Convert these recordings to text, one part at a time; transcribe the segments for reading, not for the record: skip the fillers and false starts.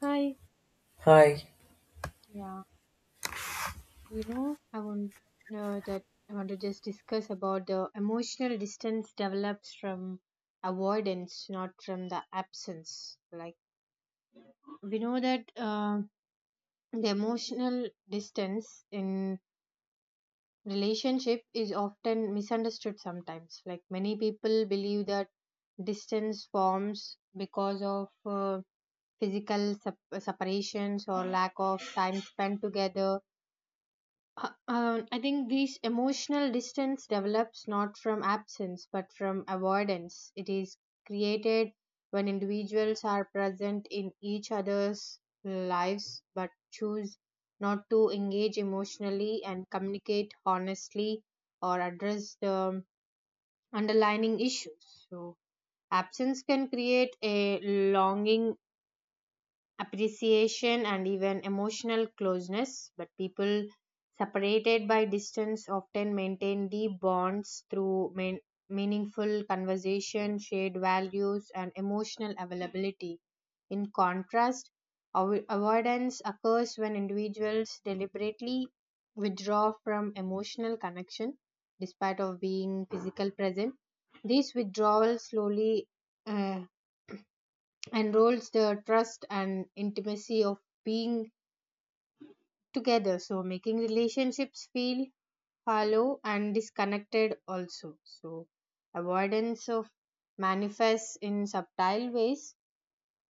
Hi, Hi, yeah, I want that I want to just discuss about the emotional distance develops from avoidance, not from the absence. Like we know that the emotional distance in relationship is often misunderstood sometimes. Like many people believe that distance forms because of separations or lack of time spent together. I think this emotional distance develops not from absence but from avoidance. It is created when individuals are present in each other's lives but choose not to engage emotionally and communicate honestly or address the underlying issues. So, absence can create a longing appreciation and even emotional closeness, but people separated by distance often maintain deep bonds through meaningful conversation, shared values, and emotional availability. In contrast, avoidance occurs when individuals deliberately withdraw from emotional connection despite of being physical present. This withdrawal slowly uh, enrolls the trust and intimacy of being together, so making relationships feel hollow and disconnected also. So avoidance of manifests in subtle ways.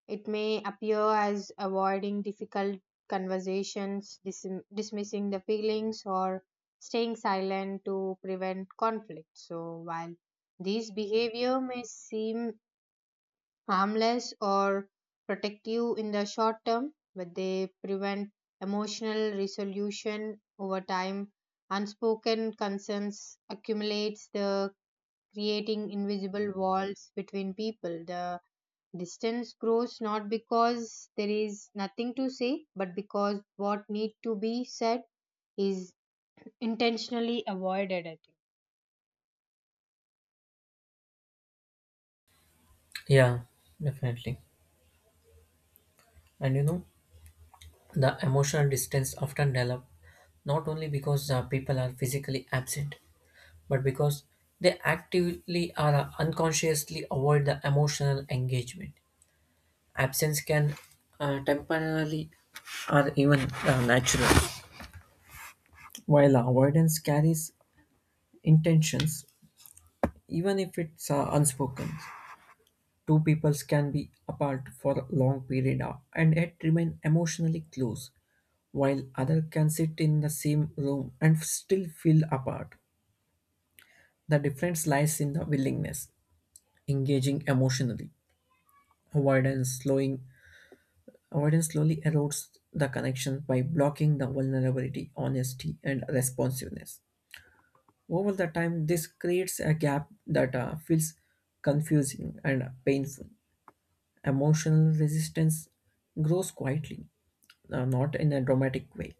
It may appear as avoiding difficult conversations, dismissing the feelings or staying silent to prevent conflict. So while these behavior may seem harmless or protective in the short term, but they prevent emotional resolution over time. Unspoken concerns accumulates the creating invisible walls between people. The distance grows not because there is nothing to say, but because what need to be said is intentionally avoided. I think. yeah, definitely. And you know, the emotional distance often develop not only because the people are physically absent, but because they actively or unconsciously avoid the emotional engagement. Absence can temporarily or even natural, while avoidance carries intentions, even if it's unspoken. Two peoples can be apart for a long period and yet remain emotionally close while others can sit in the same room and still feel apart. The difference lies in the willingness, engaging emotionally. Avoidance slowing avoidance slowly erodes the connection by blocking the vulnerability, honesty, and responsiveness. Over the time, this creates a gap that feels confusing and painful. Emotional resistance grows quietly, not in a dramatic way,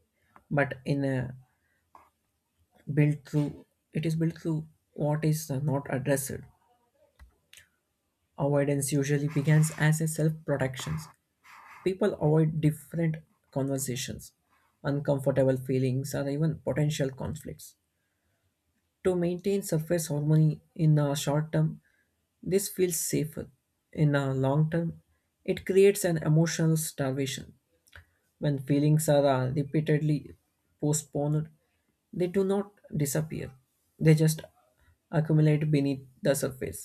but in a built through it is built through what is not addressed. Avoidance usually begins as a self protection. People avoid different conversations, uncomfortable feelings, or even potential conflicts to maintain surface harmony. In the short term this feels safer. In the long term it creates an emotional starvation. When feelings are repeatedly postponed, they do not disappear. They just accumulate beneath the surface.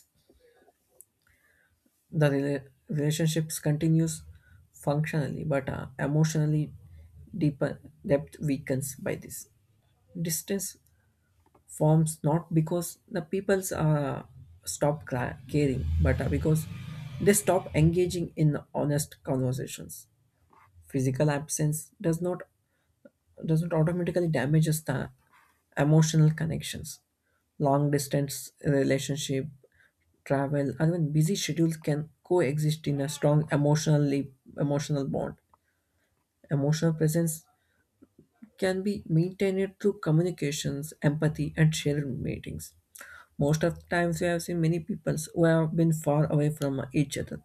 Relationships continues functionally, but emotionally deeper depth weakens by this. Distance forms not because the peoples stop caring, but because they stop engaging in honest conversations. Physical absence does not doesn't automatically damages the emotional connections. Long distance relationship, travel, and even busy schedules can coexist in a strong, emotional bond. Emotional presence can be maintained through communications, empathy, and shared meetings. Most of the times, we have seen many peoples who have been far away from each other,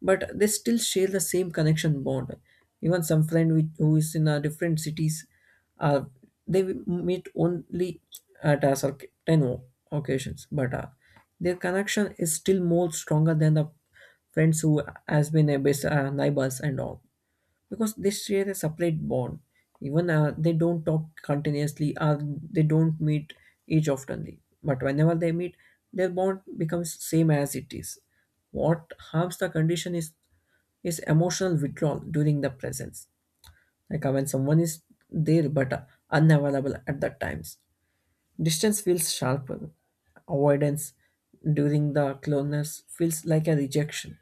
but they still share the same connection bond. Even some friend who is in a different cities, uh, they meet only at a certain occasions, but their connection is still more stronger than the friends who has been a best neighbors and all, because they share a separate bond. Even they don't talk continuously, or they don't meet each oftenly. But whenever they meet, their bond becomes same as it is. What harms the condition is emotional withdrawal during the presence. Like when someone is there but unavailable at that times. Distance feels sharper. Avoidance during the closeness feels like a rejection.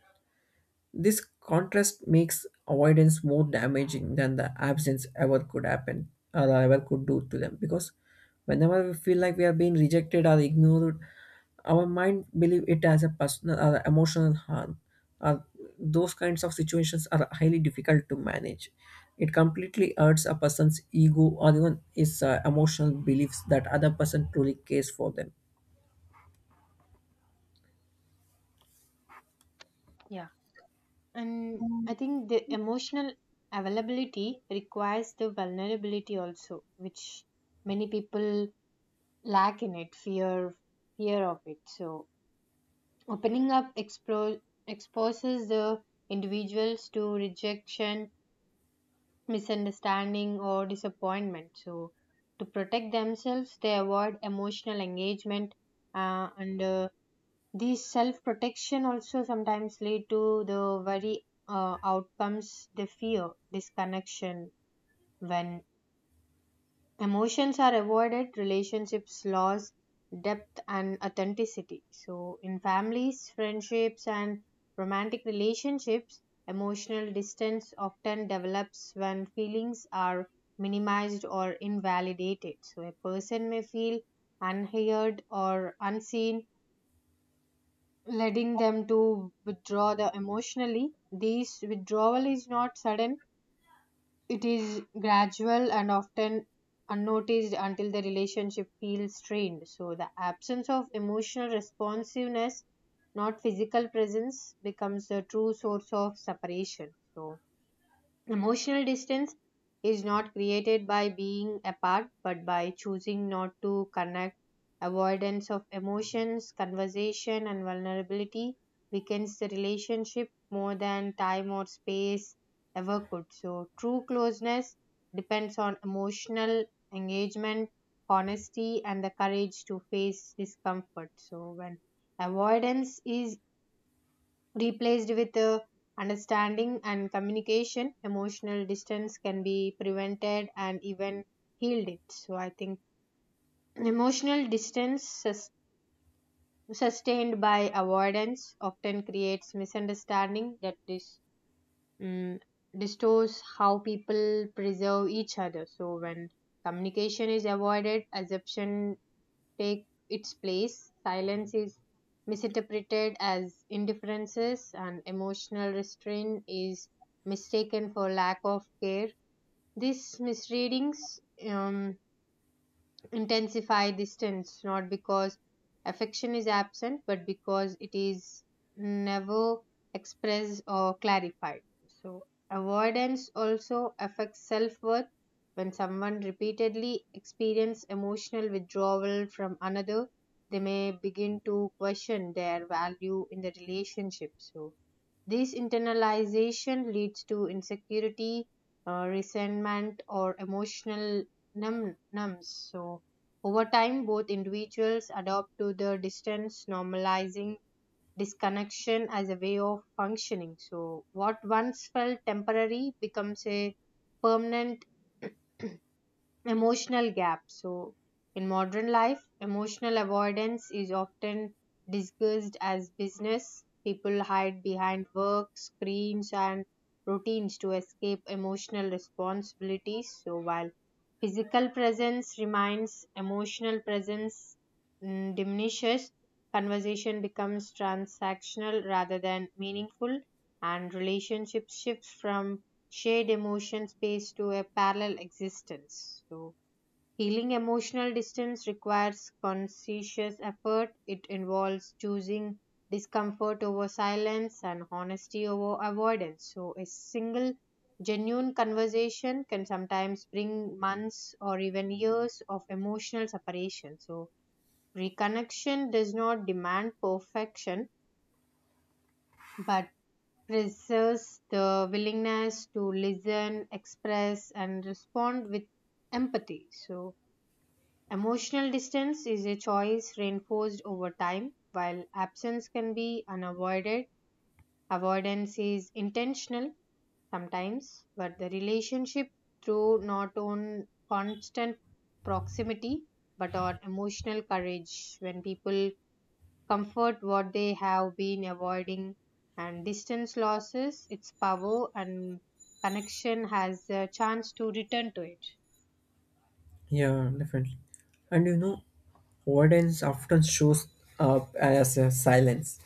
This contrast makes avoidance more damaging than the absence ever could happen or ever could do to them, because whenever we feel like we are being rejected or ignored, our mind believe it as a personal or emotional harm. Or those kinds of situations are highly difficult to manage. It completely hurts a person's ego or even his emotional beliefs that other person truly cares for them. Yeah. And I think the emotional availability requires the vulnerability also, which many people lack in it, fear of it. So opening up explore, exposes the individuals to rejection, misunderstanding or disappointment. So to protect themselves they avoid emotional engagement, and these self protection also sometimes lead to the very outcomes they fear disconnection. When emotions are avoided, relationships lose depth and authenticity. So in families, friendships and romantic relationships, emotional distance often develops when feelings are minimized or invalidated. So a person may feel unheard or unseen, leading them to withdraw the emotionally. This withdrawal is not sudden, it is gradual and often unnoticed until the relationship feels strained. So the absence of emotional responsiveness, not physical presence, becomes the true source of separation. So emotional distance is not created by being apart, but by choosing not to connect. Avoidance of emotions, conversation, and vulnerability weakens the relationship more than time or space ever could. So, true closeness depends on emotional engagement, honesty, and the courage to face discomfort. So, when avoidance is replaced with understanding and communication, emotional distance can be prevented and even healed it. So I think emotional distance sustained by avoidance often creates misunderstanding that mm, distorts how people preserve each other. So when communication is avoided, assumption take its place. Silence is misinterpreted as indifferences, and emotional restraint is mistaken for lack of care. These misreadings um, intensify distance not because affection is absent but because it is never expressed or clarified. So avoidance also affects self-worth. When someone repeatedly experiences emotional withdrawal from another, they may begin to question their value in the relationship. So this internalization leads to insecurity, resentment, or emotional numbness. So, over time, both individuals adopt to the distance, normalizing disconnection as a way of functioning. So, what once felt temporary becomes a permanent emotional gap. So, in modern life, emotional avoidance is often discussed as business. People hide behind work, screens, and routines to escape emotional responsibilities. So, while physical presence remains, emotional presence diminishes. Conversation becomes transactional rather than meaningful, and relationships shift from shared emotion space to a parallel existence. So, healing emotional distance requires conscientious effort. It involves choosing discomfort over silence and honesty over avoidance. So, a single genuine conversation can sometimes bring months or even years of emotional separation. So, reconnection does not demand perfection, but preserves the willingness to listen, express, and respond with empathy. So, emotional distance is a choice reinforced over time, while absence can be unavoided. Avoidance is intentional sometimes, but the relationship through not on constant proximity but on emotional courage. When people comfort what they have been avoiding and distance losses its power, and connection has a chance to return to it. Yeah, definitely. And you know, avoidance often shows up as a silence.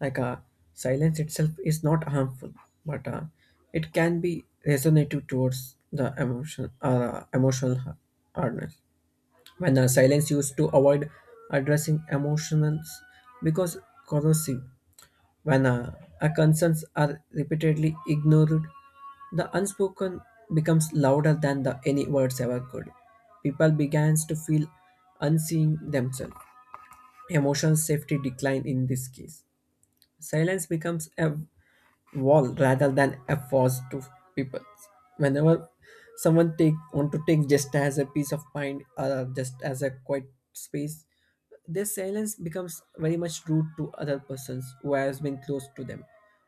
Like silence itself is not harmful, but it can be resonative towards the emotional hardness. When silence used to avoid addressing emotions because corrosive, when our concerns are repeatedly ignored, the unspoken becomes louder than the any words ever could. People begins to feel unseen themselves. Emotional safety decline in this case. Silence becomes a wall rather than a force to people. Whenever someone take want to take just as a peace of mind or just as a quiet space, their silence becomes very much rude to other persons who has been close to them.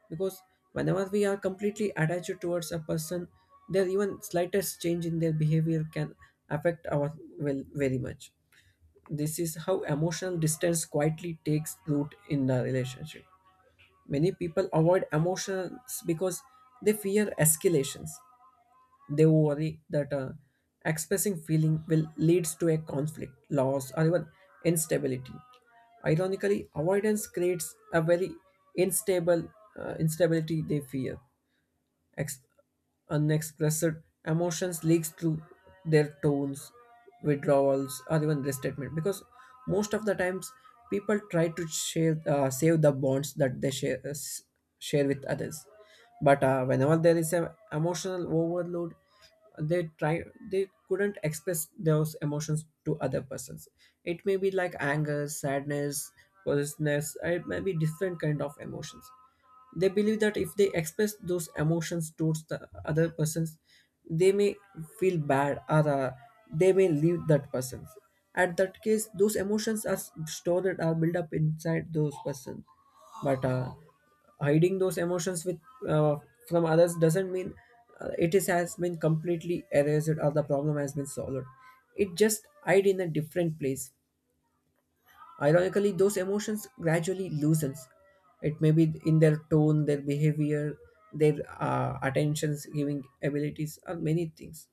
Because whenever we are completely attached towards a person, their even slightest change in their behavior can affect our well very much. This is how emotional distance quietly takes root in the relationship. Many people avoid emotions because they fear escalations. They worry that expressing feeling will leads to a conflict, loss, or even instability. Ironically, avoidance creates a very instable instability they fear. Ex- Unexpressed emotions leaks through their tones, withdrawals, or even restatement. Because most of the times, people try to save the bonds that they share with others. But whenever there is an emotional overload, they try they couldn't express those emotions to other persons. It may be like anger, sadness, possessiveness. It may be different kind of emotions. They believe that if they express those emotions towards the other persons, they may feel bad, or they may leave that person. At that case, those emotions are stored or built up inside those person. But hiding those emotions with uh, from others doesn't mean it is has been completely erased or the problem has been solved. It just hide in a different place. Ironically, those emotions gradually loosens. It may be in their tone, their behavior, their attentions giving abilities, or many things.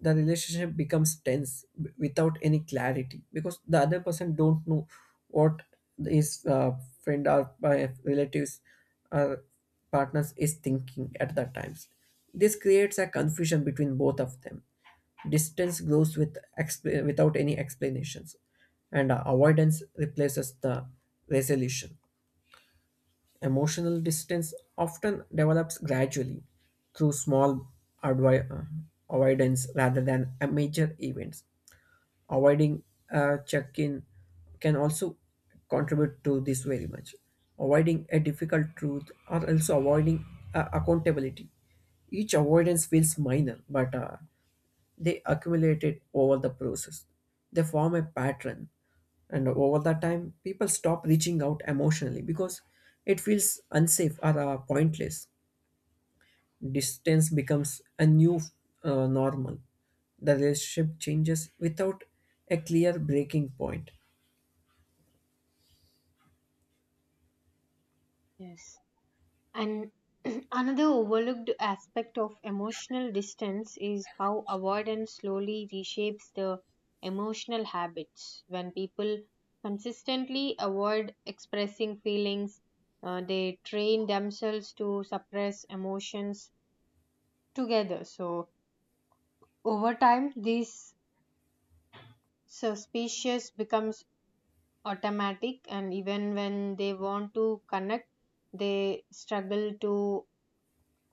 The relationship becomes tense without any clarity, because the other person don't know what his friend or relatives or partners is thinking at that times. This creates a confusion between both of them. Distance grows without any explanations, and avoidance replaces the resolution. Emotional distance often develops gradually through small advi- uh, avoidance rather than a major events. Avoiding a check-in can also contribute to this very much. Avoiding a difficult truth, or also avoiding accountability. Each avoidance feels minor, but they accumulate it over the process. They form a pattern. And over the time, people stop reaching out emotionally because it feels unsafe or pointless. Distance becomes a new normal. The relationship changes without a clear breaking point. Yes. And another overlooked aspect of emotional distance is how avoidance slowly reshapes the emotional habits. When people consistently avoid expressing feelings, they train themselves to suppress emotions together. So, over time, these so species becomes automatic, and even when they want to connect they struggle to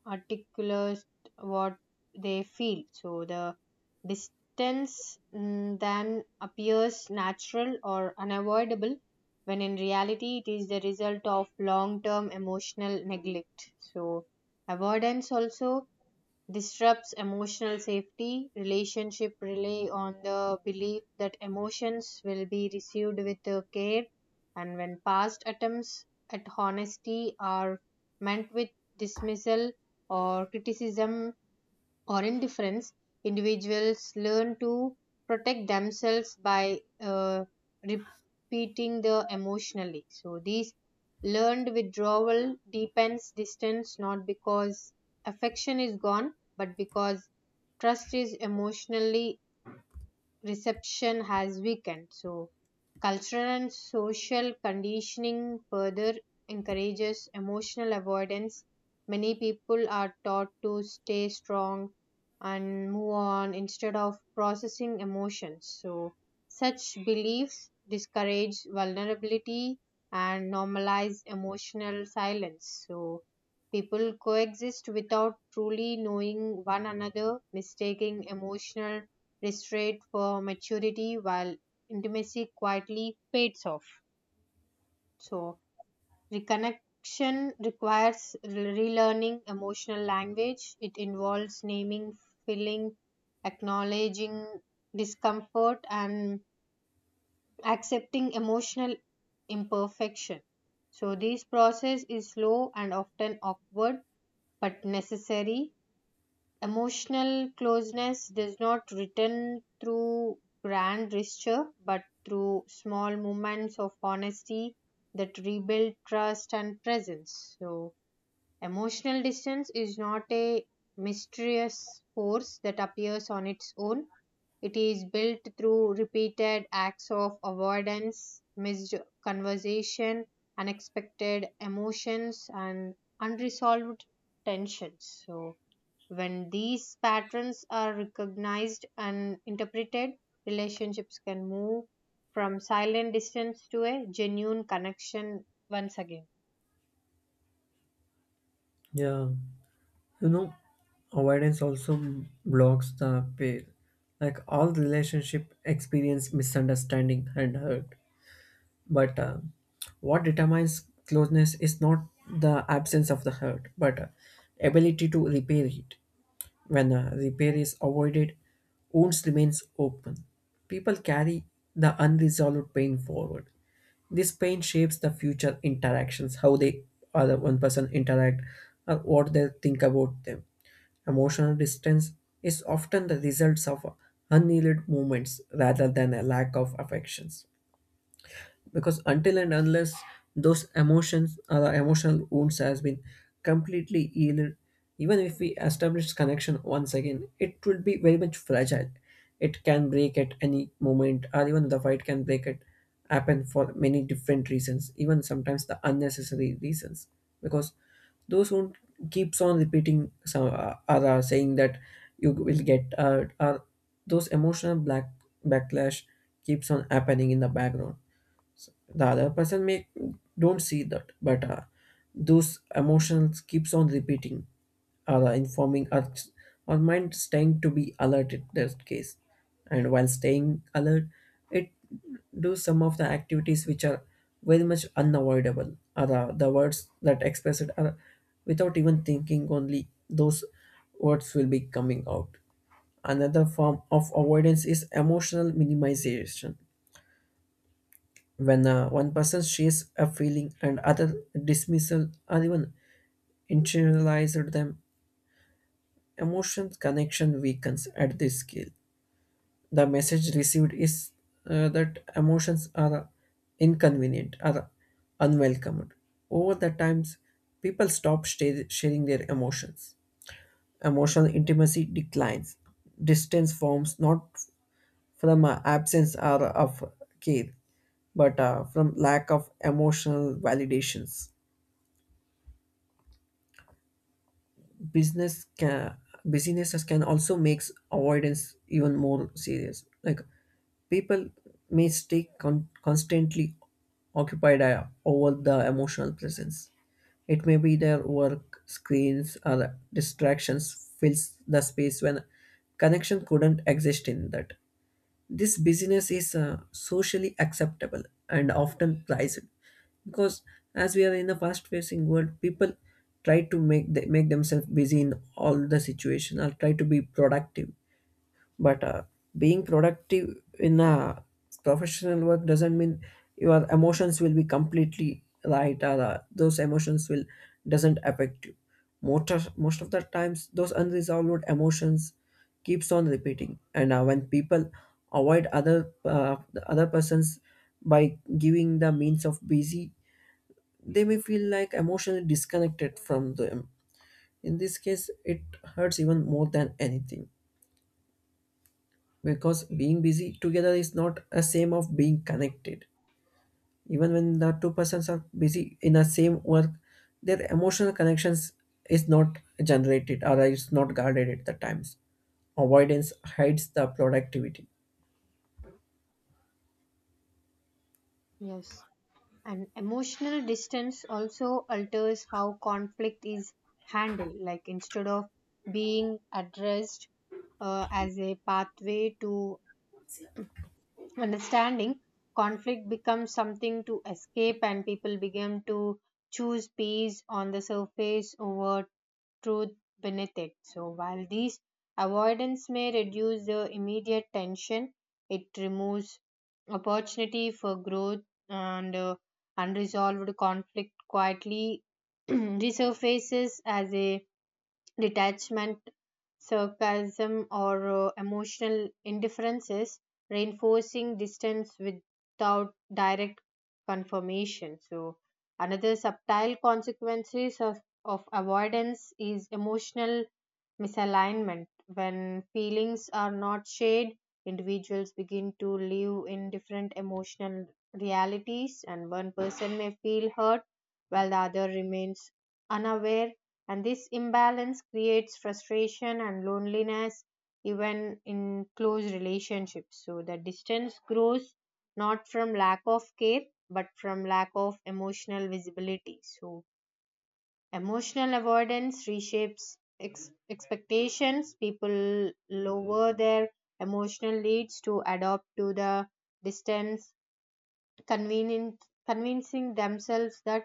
articulate what they feel. So the distance, then appears natural or unavoidable when in reality it is the result of long term emotional neglect. So avoidance also disrupts emotional safety. Relationship rely on the belief that emotions will be received with care, and when past attempts at honesty are met with dismissal or criticism, or indifference, individuals learn to protect themselves by repeating the emotionally. So these learned withdrawal deepens distance not because affection is gone, but because trust is emotionally reception has weakened. So, cultural and social conditioning further encourages emotional avoidance. Many people are taught to stay strong and move on instead of processing emotions. So, such beliefs discourage vulnerability and normalize emotional silence. So, people coexist without truly knowing one another, mistaking emotional restraint for maturity while intimacy quietly fades off. So, reconnection requires relearning emotional language. It involves naming, feeling, acknowledging discomfort, and accepting emotional imperfection. So, this process is slow and often awkward but necessary. Emotional closeness does not return through grand gesture but through small moments of honesty that rebuild trust and presence. So, emotional distance is not a mysterious force that appears on its own. It is built through repeated acts of avoidance, missed conversation, unexpected emotions, and unresolved tensions. So, when these patterns are recognized and interpreted, relationships can move from silent distance to a genuine connection once again. Yeah, you know, avoidance also blocks the pair. Like all relationship experience misunderstanding and hurt. But what determines closeness is not the absence of the hurt, but ability to repair it. When repair is avoided, wounds remains open. People carry the unresolved pain forward. This pain shapes the future interactions, how they other one person interact, or what they think about them. Emotional distance is often the results of unneeded movements rather than a lack of affections, because until and unless those emotions or the emotional wounds has been completely healed, even if we establish connection once again it will be very much fragile. It can break at any moment, or even the fight can break it, happen for many different reasons, even sometimes the unnecessary reasons, because those who keeps on repeating some are saying that you will get hurt. Are those emotional black backlash keeps on happening in the background, the other person may don't see that, but those emotions keeps on repeating, or informing our mind staying to be alert in that case. And while staying alert, it do some of the activities which are very much unavoidable, or the words that express it are without even thinking, only those words will be coming out. Another form of avoidance is emotional minimization. When one person shares a feeling and other dismissal or even internalized them, emotion connection weakens at this scale. The message received is that emotions are inconvenient or unwelcomed. Over the times people stop sharing their emotions. Emotional intimacy declines. Distance forms not from absence or of care, but from lack of emotional validations. business can Businesses can also makes avoidance even more serious. Like people may stay constantly occupied over the emotional presence. It may be their work, screens, or distractions fills the space when connection couldn't exist in that. This busyness is socially acceptable and often prized, because as we are in a fast-pacing world, people try to make themselves busy in all the situation or try to be productive. But being productive in a professional work doesn't mean your emotions will be completely right, or those emotions will doesn't affect you. Most of the times those unresolved emotions keeps on repeating. And when people avoid other the other persons by giving the means of busy, they may feel like emotionally disconnected from them. In this case it hurts even more than anything, because being busy together is not a same of being connected. Even when the two persons are busy in the same work, their emotional connections is not generated or is not guarded at the times. Avoidance hides the productivity. Yes. And emotional distance also alters how conflict is handled. Like instead of being addressed as a pathway to understanding, conflict becomes something to escape, and people begin to choose peace on the surface over truth beneath it. So, while these avoidance may reduce the immediate tension, it removes opportunity for growth, and unresolved conflict quietly resurfaces as a detachment, sarcasm, or emotional indifferences, reinforcing distance without direct confirmation. So, another subtle consequences of avoidance is emotional misalignment. When feelings are not shared, individuals begin to live in different emotional realities, and one person may feel hurt while the other remains unaware, and this imbalance creates frustration and loneliness even in close relationships. So the distance grows not from lack of care but from lack of emotional visibility. So emotional avoidance reshapes expectations. People lower their emotional needs to adapt to the distance, convincing themselves that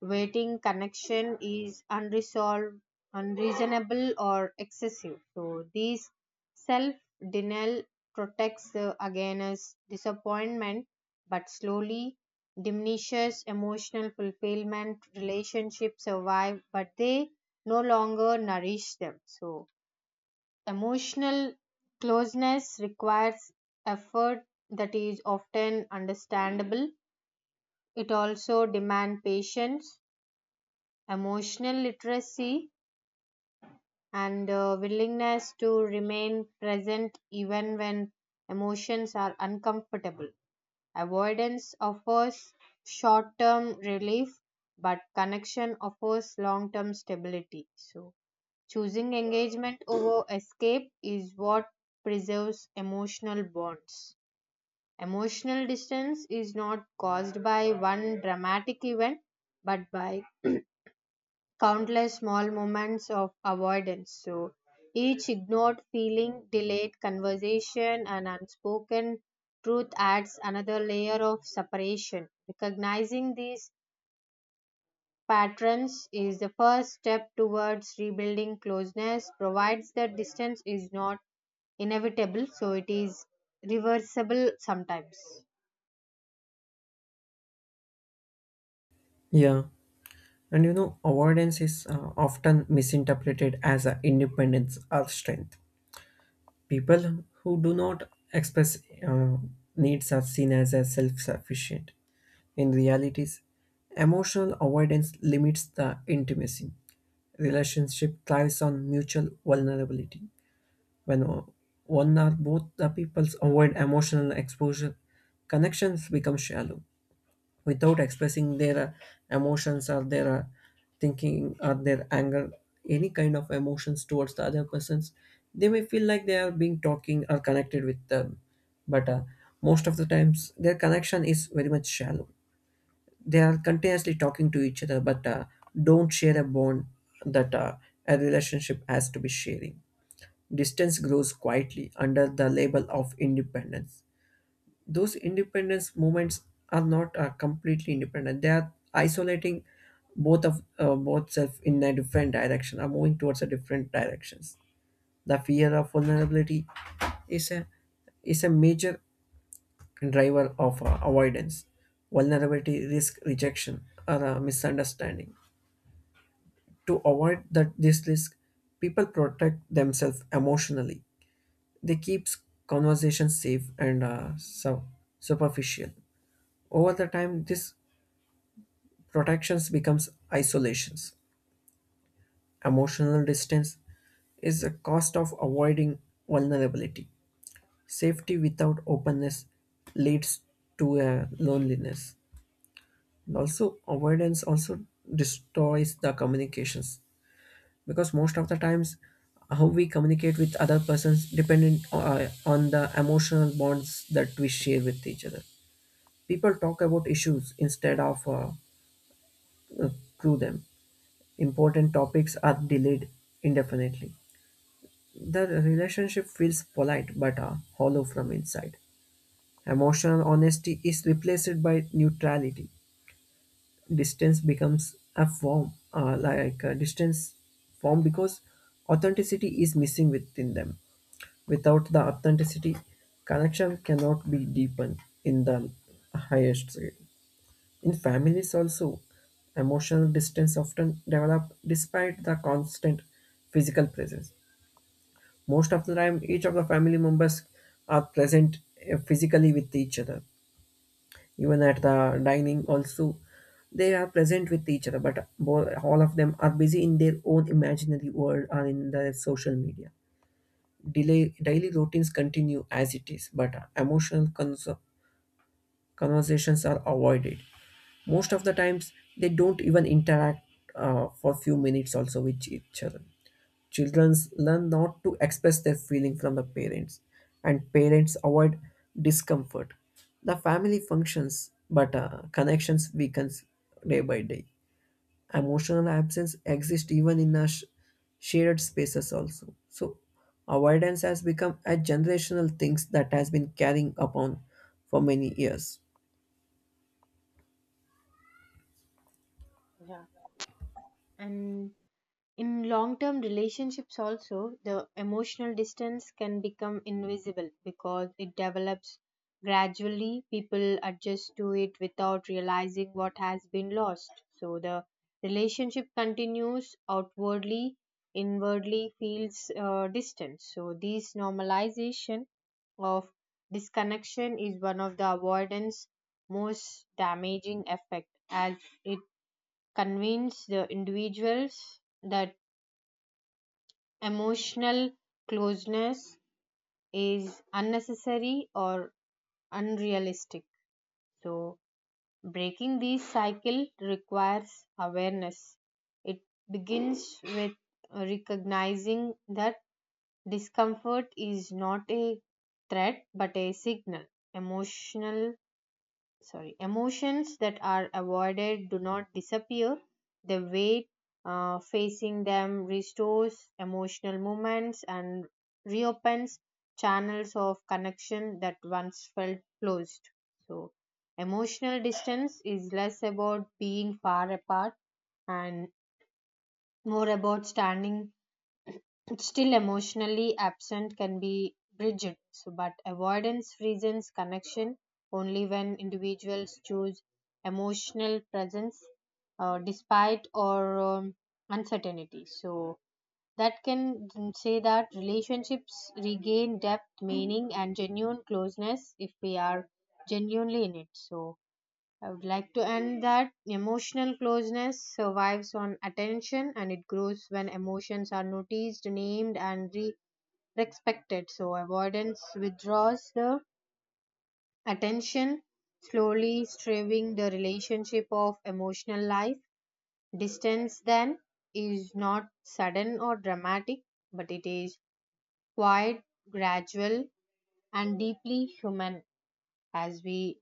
waiting connection is unresolved unreasonable or excessive. So these self denial protects the against disappointment but slowly diminishes emotional fulfillment. Relationships survive but they no longer nourish them. So emotional closeness requires effort that is often understandable. It also demands patience, emotional literacy, and willingness to remain present even when emotions are uncomfortable. Avoidance offers short term relief, but connection offers long term stability. So, choosing engagement over escape is what preserves emotional bonds. Emotional distance is not caused by one dramatic event but by countless small moments of avoidance. So each ignored feeling, delayed conversation, and unspoken truth adds another layer of separation. Recognizing these patterns is the first step towards rebuilding closeness, provides that distance is not inevitable, so it is reversible sometimes. Yeah, and you know, avoidance is often misinterpreted as a independence or strength. People who do not express uh, needs are seen as a self-sufficient. In realities, emotional avoidance limits the intimacy. Relationship thrives on mutual vulnerability. When one or both the peoples avoid emotional exposure, connections become shallow. Without expressing their emotions, or their thinking, or their anger, any kind of emotions towards the other persons, they may feel like they are being talking or connected with them. But most of the times, their connection is very much shallow. They are continuously talking to each other, but don't share a bond that a relationship has to be sharing. Distance grows quietly under the label of independence. Those independence moments are not completely independent. They are isolating, both self in a different direction, are moving towards a different directions. The fear of vulnerability is a is a major driver of avoidance, vulnerability, risk, rejection, or misunderstanding. To avoid that this risk, people protect themselves emotionally. They keep conversations safe and superficial. Over the time, this protections becomes isolations. Emotional distance is a cost of avoiding vulnerability. Safety without openness leads to a loneliness. And also avoidance also destroys the communications, because most of the times how we communicate with other persons dependent on the emotional bonds that we share with each other. People talk about issues instead of uh, through them. Important topics are delayed indefinitely. The relationship feels polite, but hollow from inside. Emotional honesty is replaced by neutrality. Distance becomes a form like a distance form, because authenticity is missing within them. Without the authenticity, connection cannot be deepened in the highest scale. In families also, emotional distance often develop despite the constant physical presence. Most of the time each of the family members are present physically with each other. Even at the dining also they are present with each other, but all of them are busy in their own imaginary world or in the social media. Delay Daily routines continue as it is, but emotional conversations are avoided. Most of the times they don't even interact for few minutes also with each other. Children learn not to express their feeling from the parents, and parents avoid discomfort. The family functions, but connections weakens day by day. Emotional absence exists even in our shared spaces also. So avoidance has become a generational thing that has been carrying upon for many years. Yeah. And in long term relationships, also, the emotional distance can become invisible because it develops gradually. People adjust to it without realizing what has been lost. So the relationship continues outwardly, inwardly feels distant. So, this normalization of disconnection is one of the avoidance most damaging effect, as it convinces the individuals that emotional closeness is unnecessary or unrealistic. So, breaking this cycle requires awareness. It begins with recognizing that discomfort is not a threat but a signal. Emotional sorry emotions that are avoided do not disappear the weight facing them restores emotional moments and reopens channels of connection that once felt closed. So emotional distance is less about being far apart and more about standing still, emotionally absent can be bridged, so, but avoidance reasons connection only when individuals choose emotional presence despite or uncertainty. So, that can say that relationships regain depth, meaning, and genuine closeness if we are genuinely in it. So, I would like to end that emotional closeness survives on attention and it grows when emotions are noticed, named, and respected. So, avoidance withdraws the attention, slowly striving the relationship of emotional life. Distance then is not sudden or dramatic, but it is quiet, gradual, and deeply human as we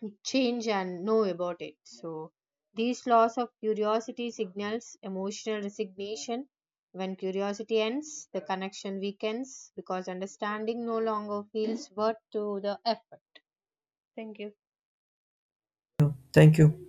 to change and know about it. So these laws of curiosity signals emotional resignation. When curiosity ends, the connection weakens because understanding no longer feels worth to the effort. Thank you. Thank you.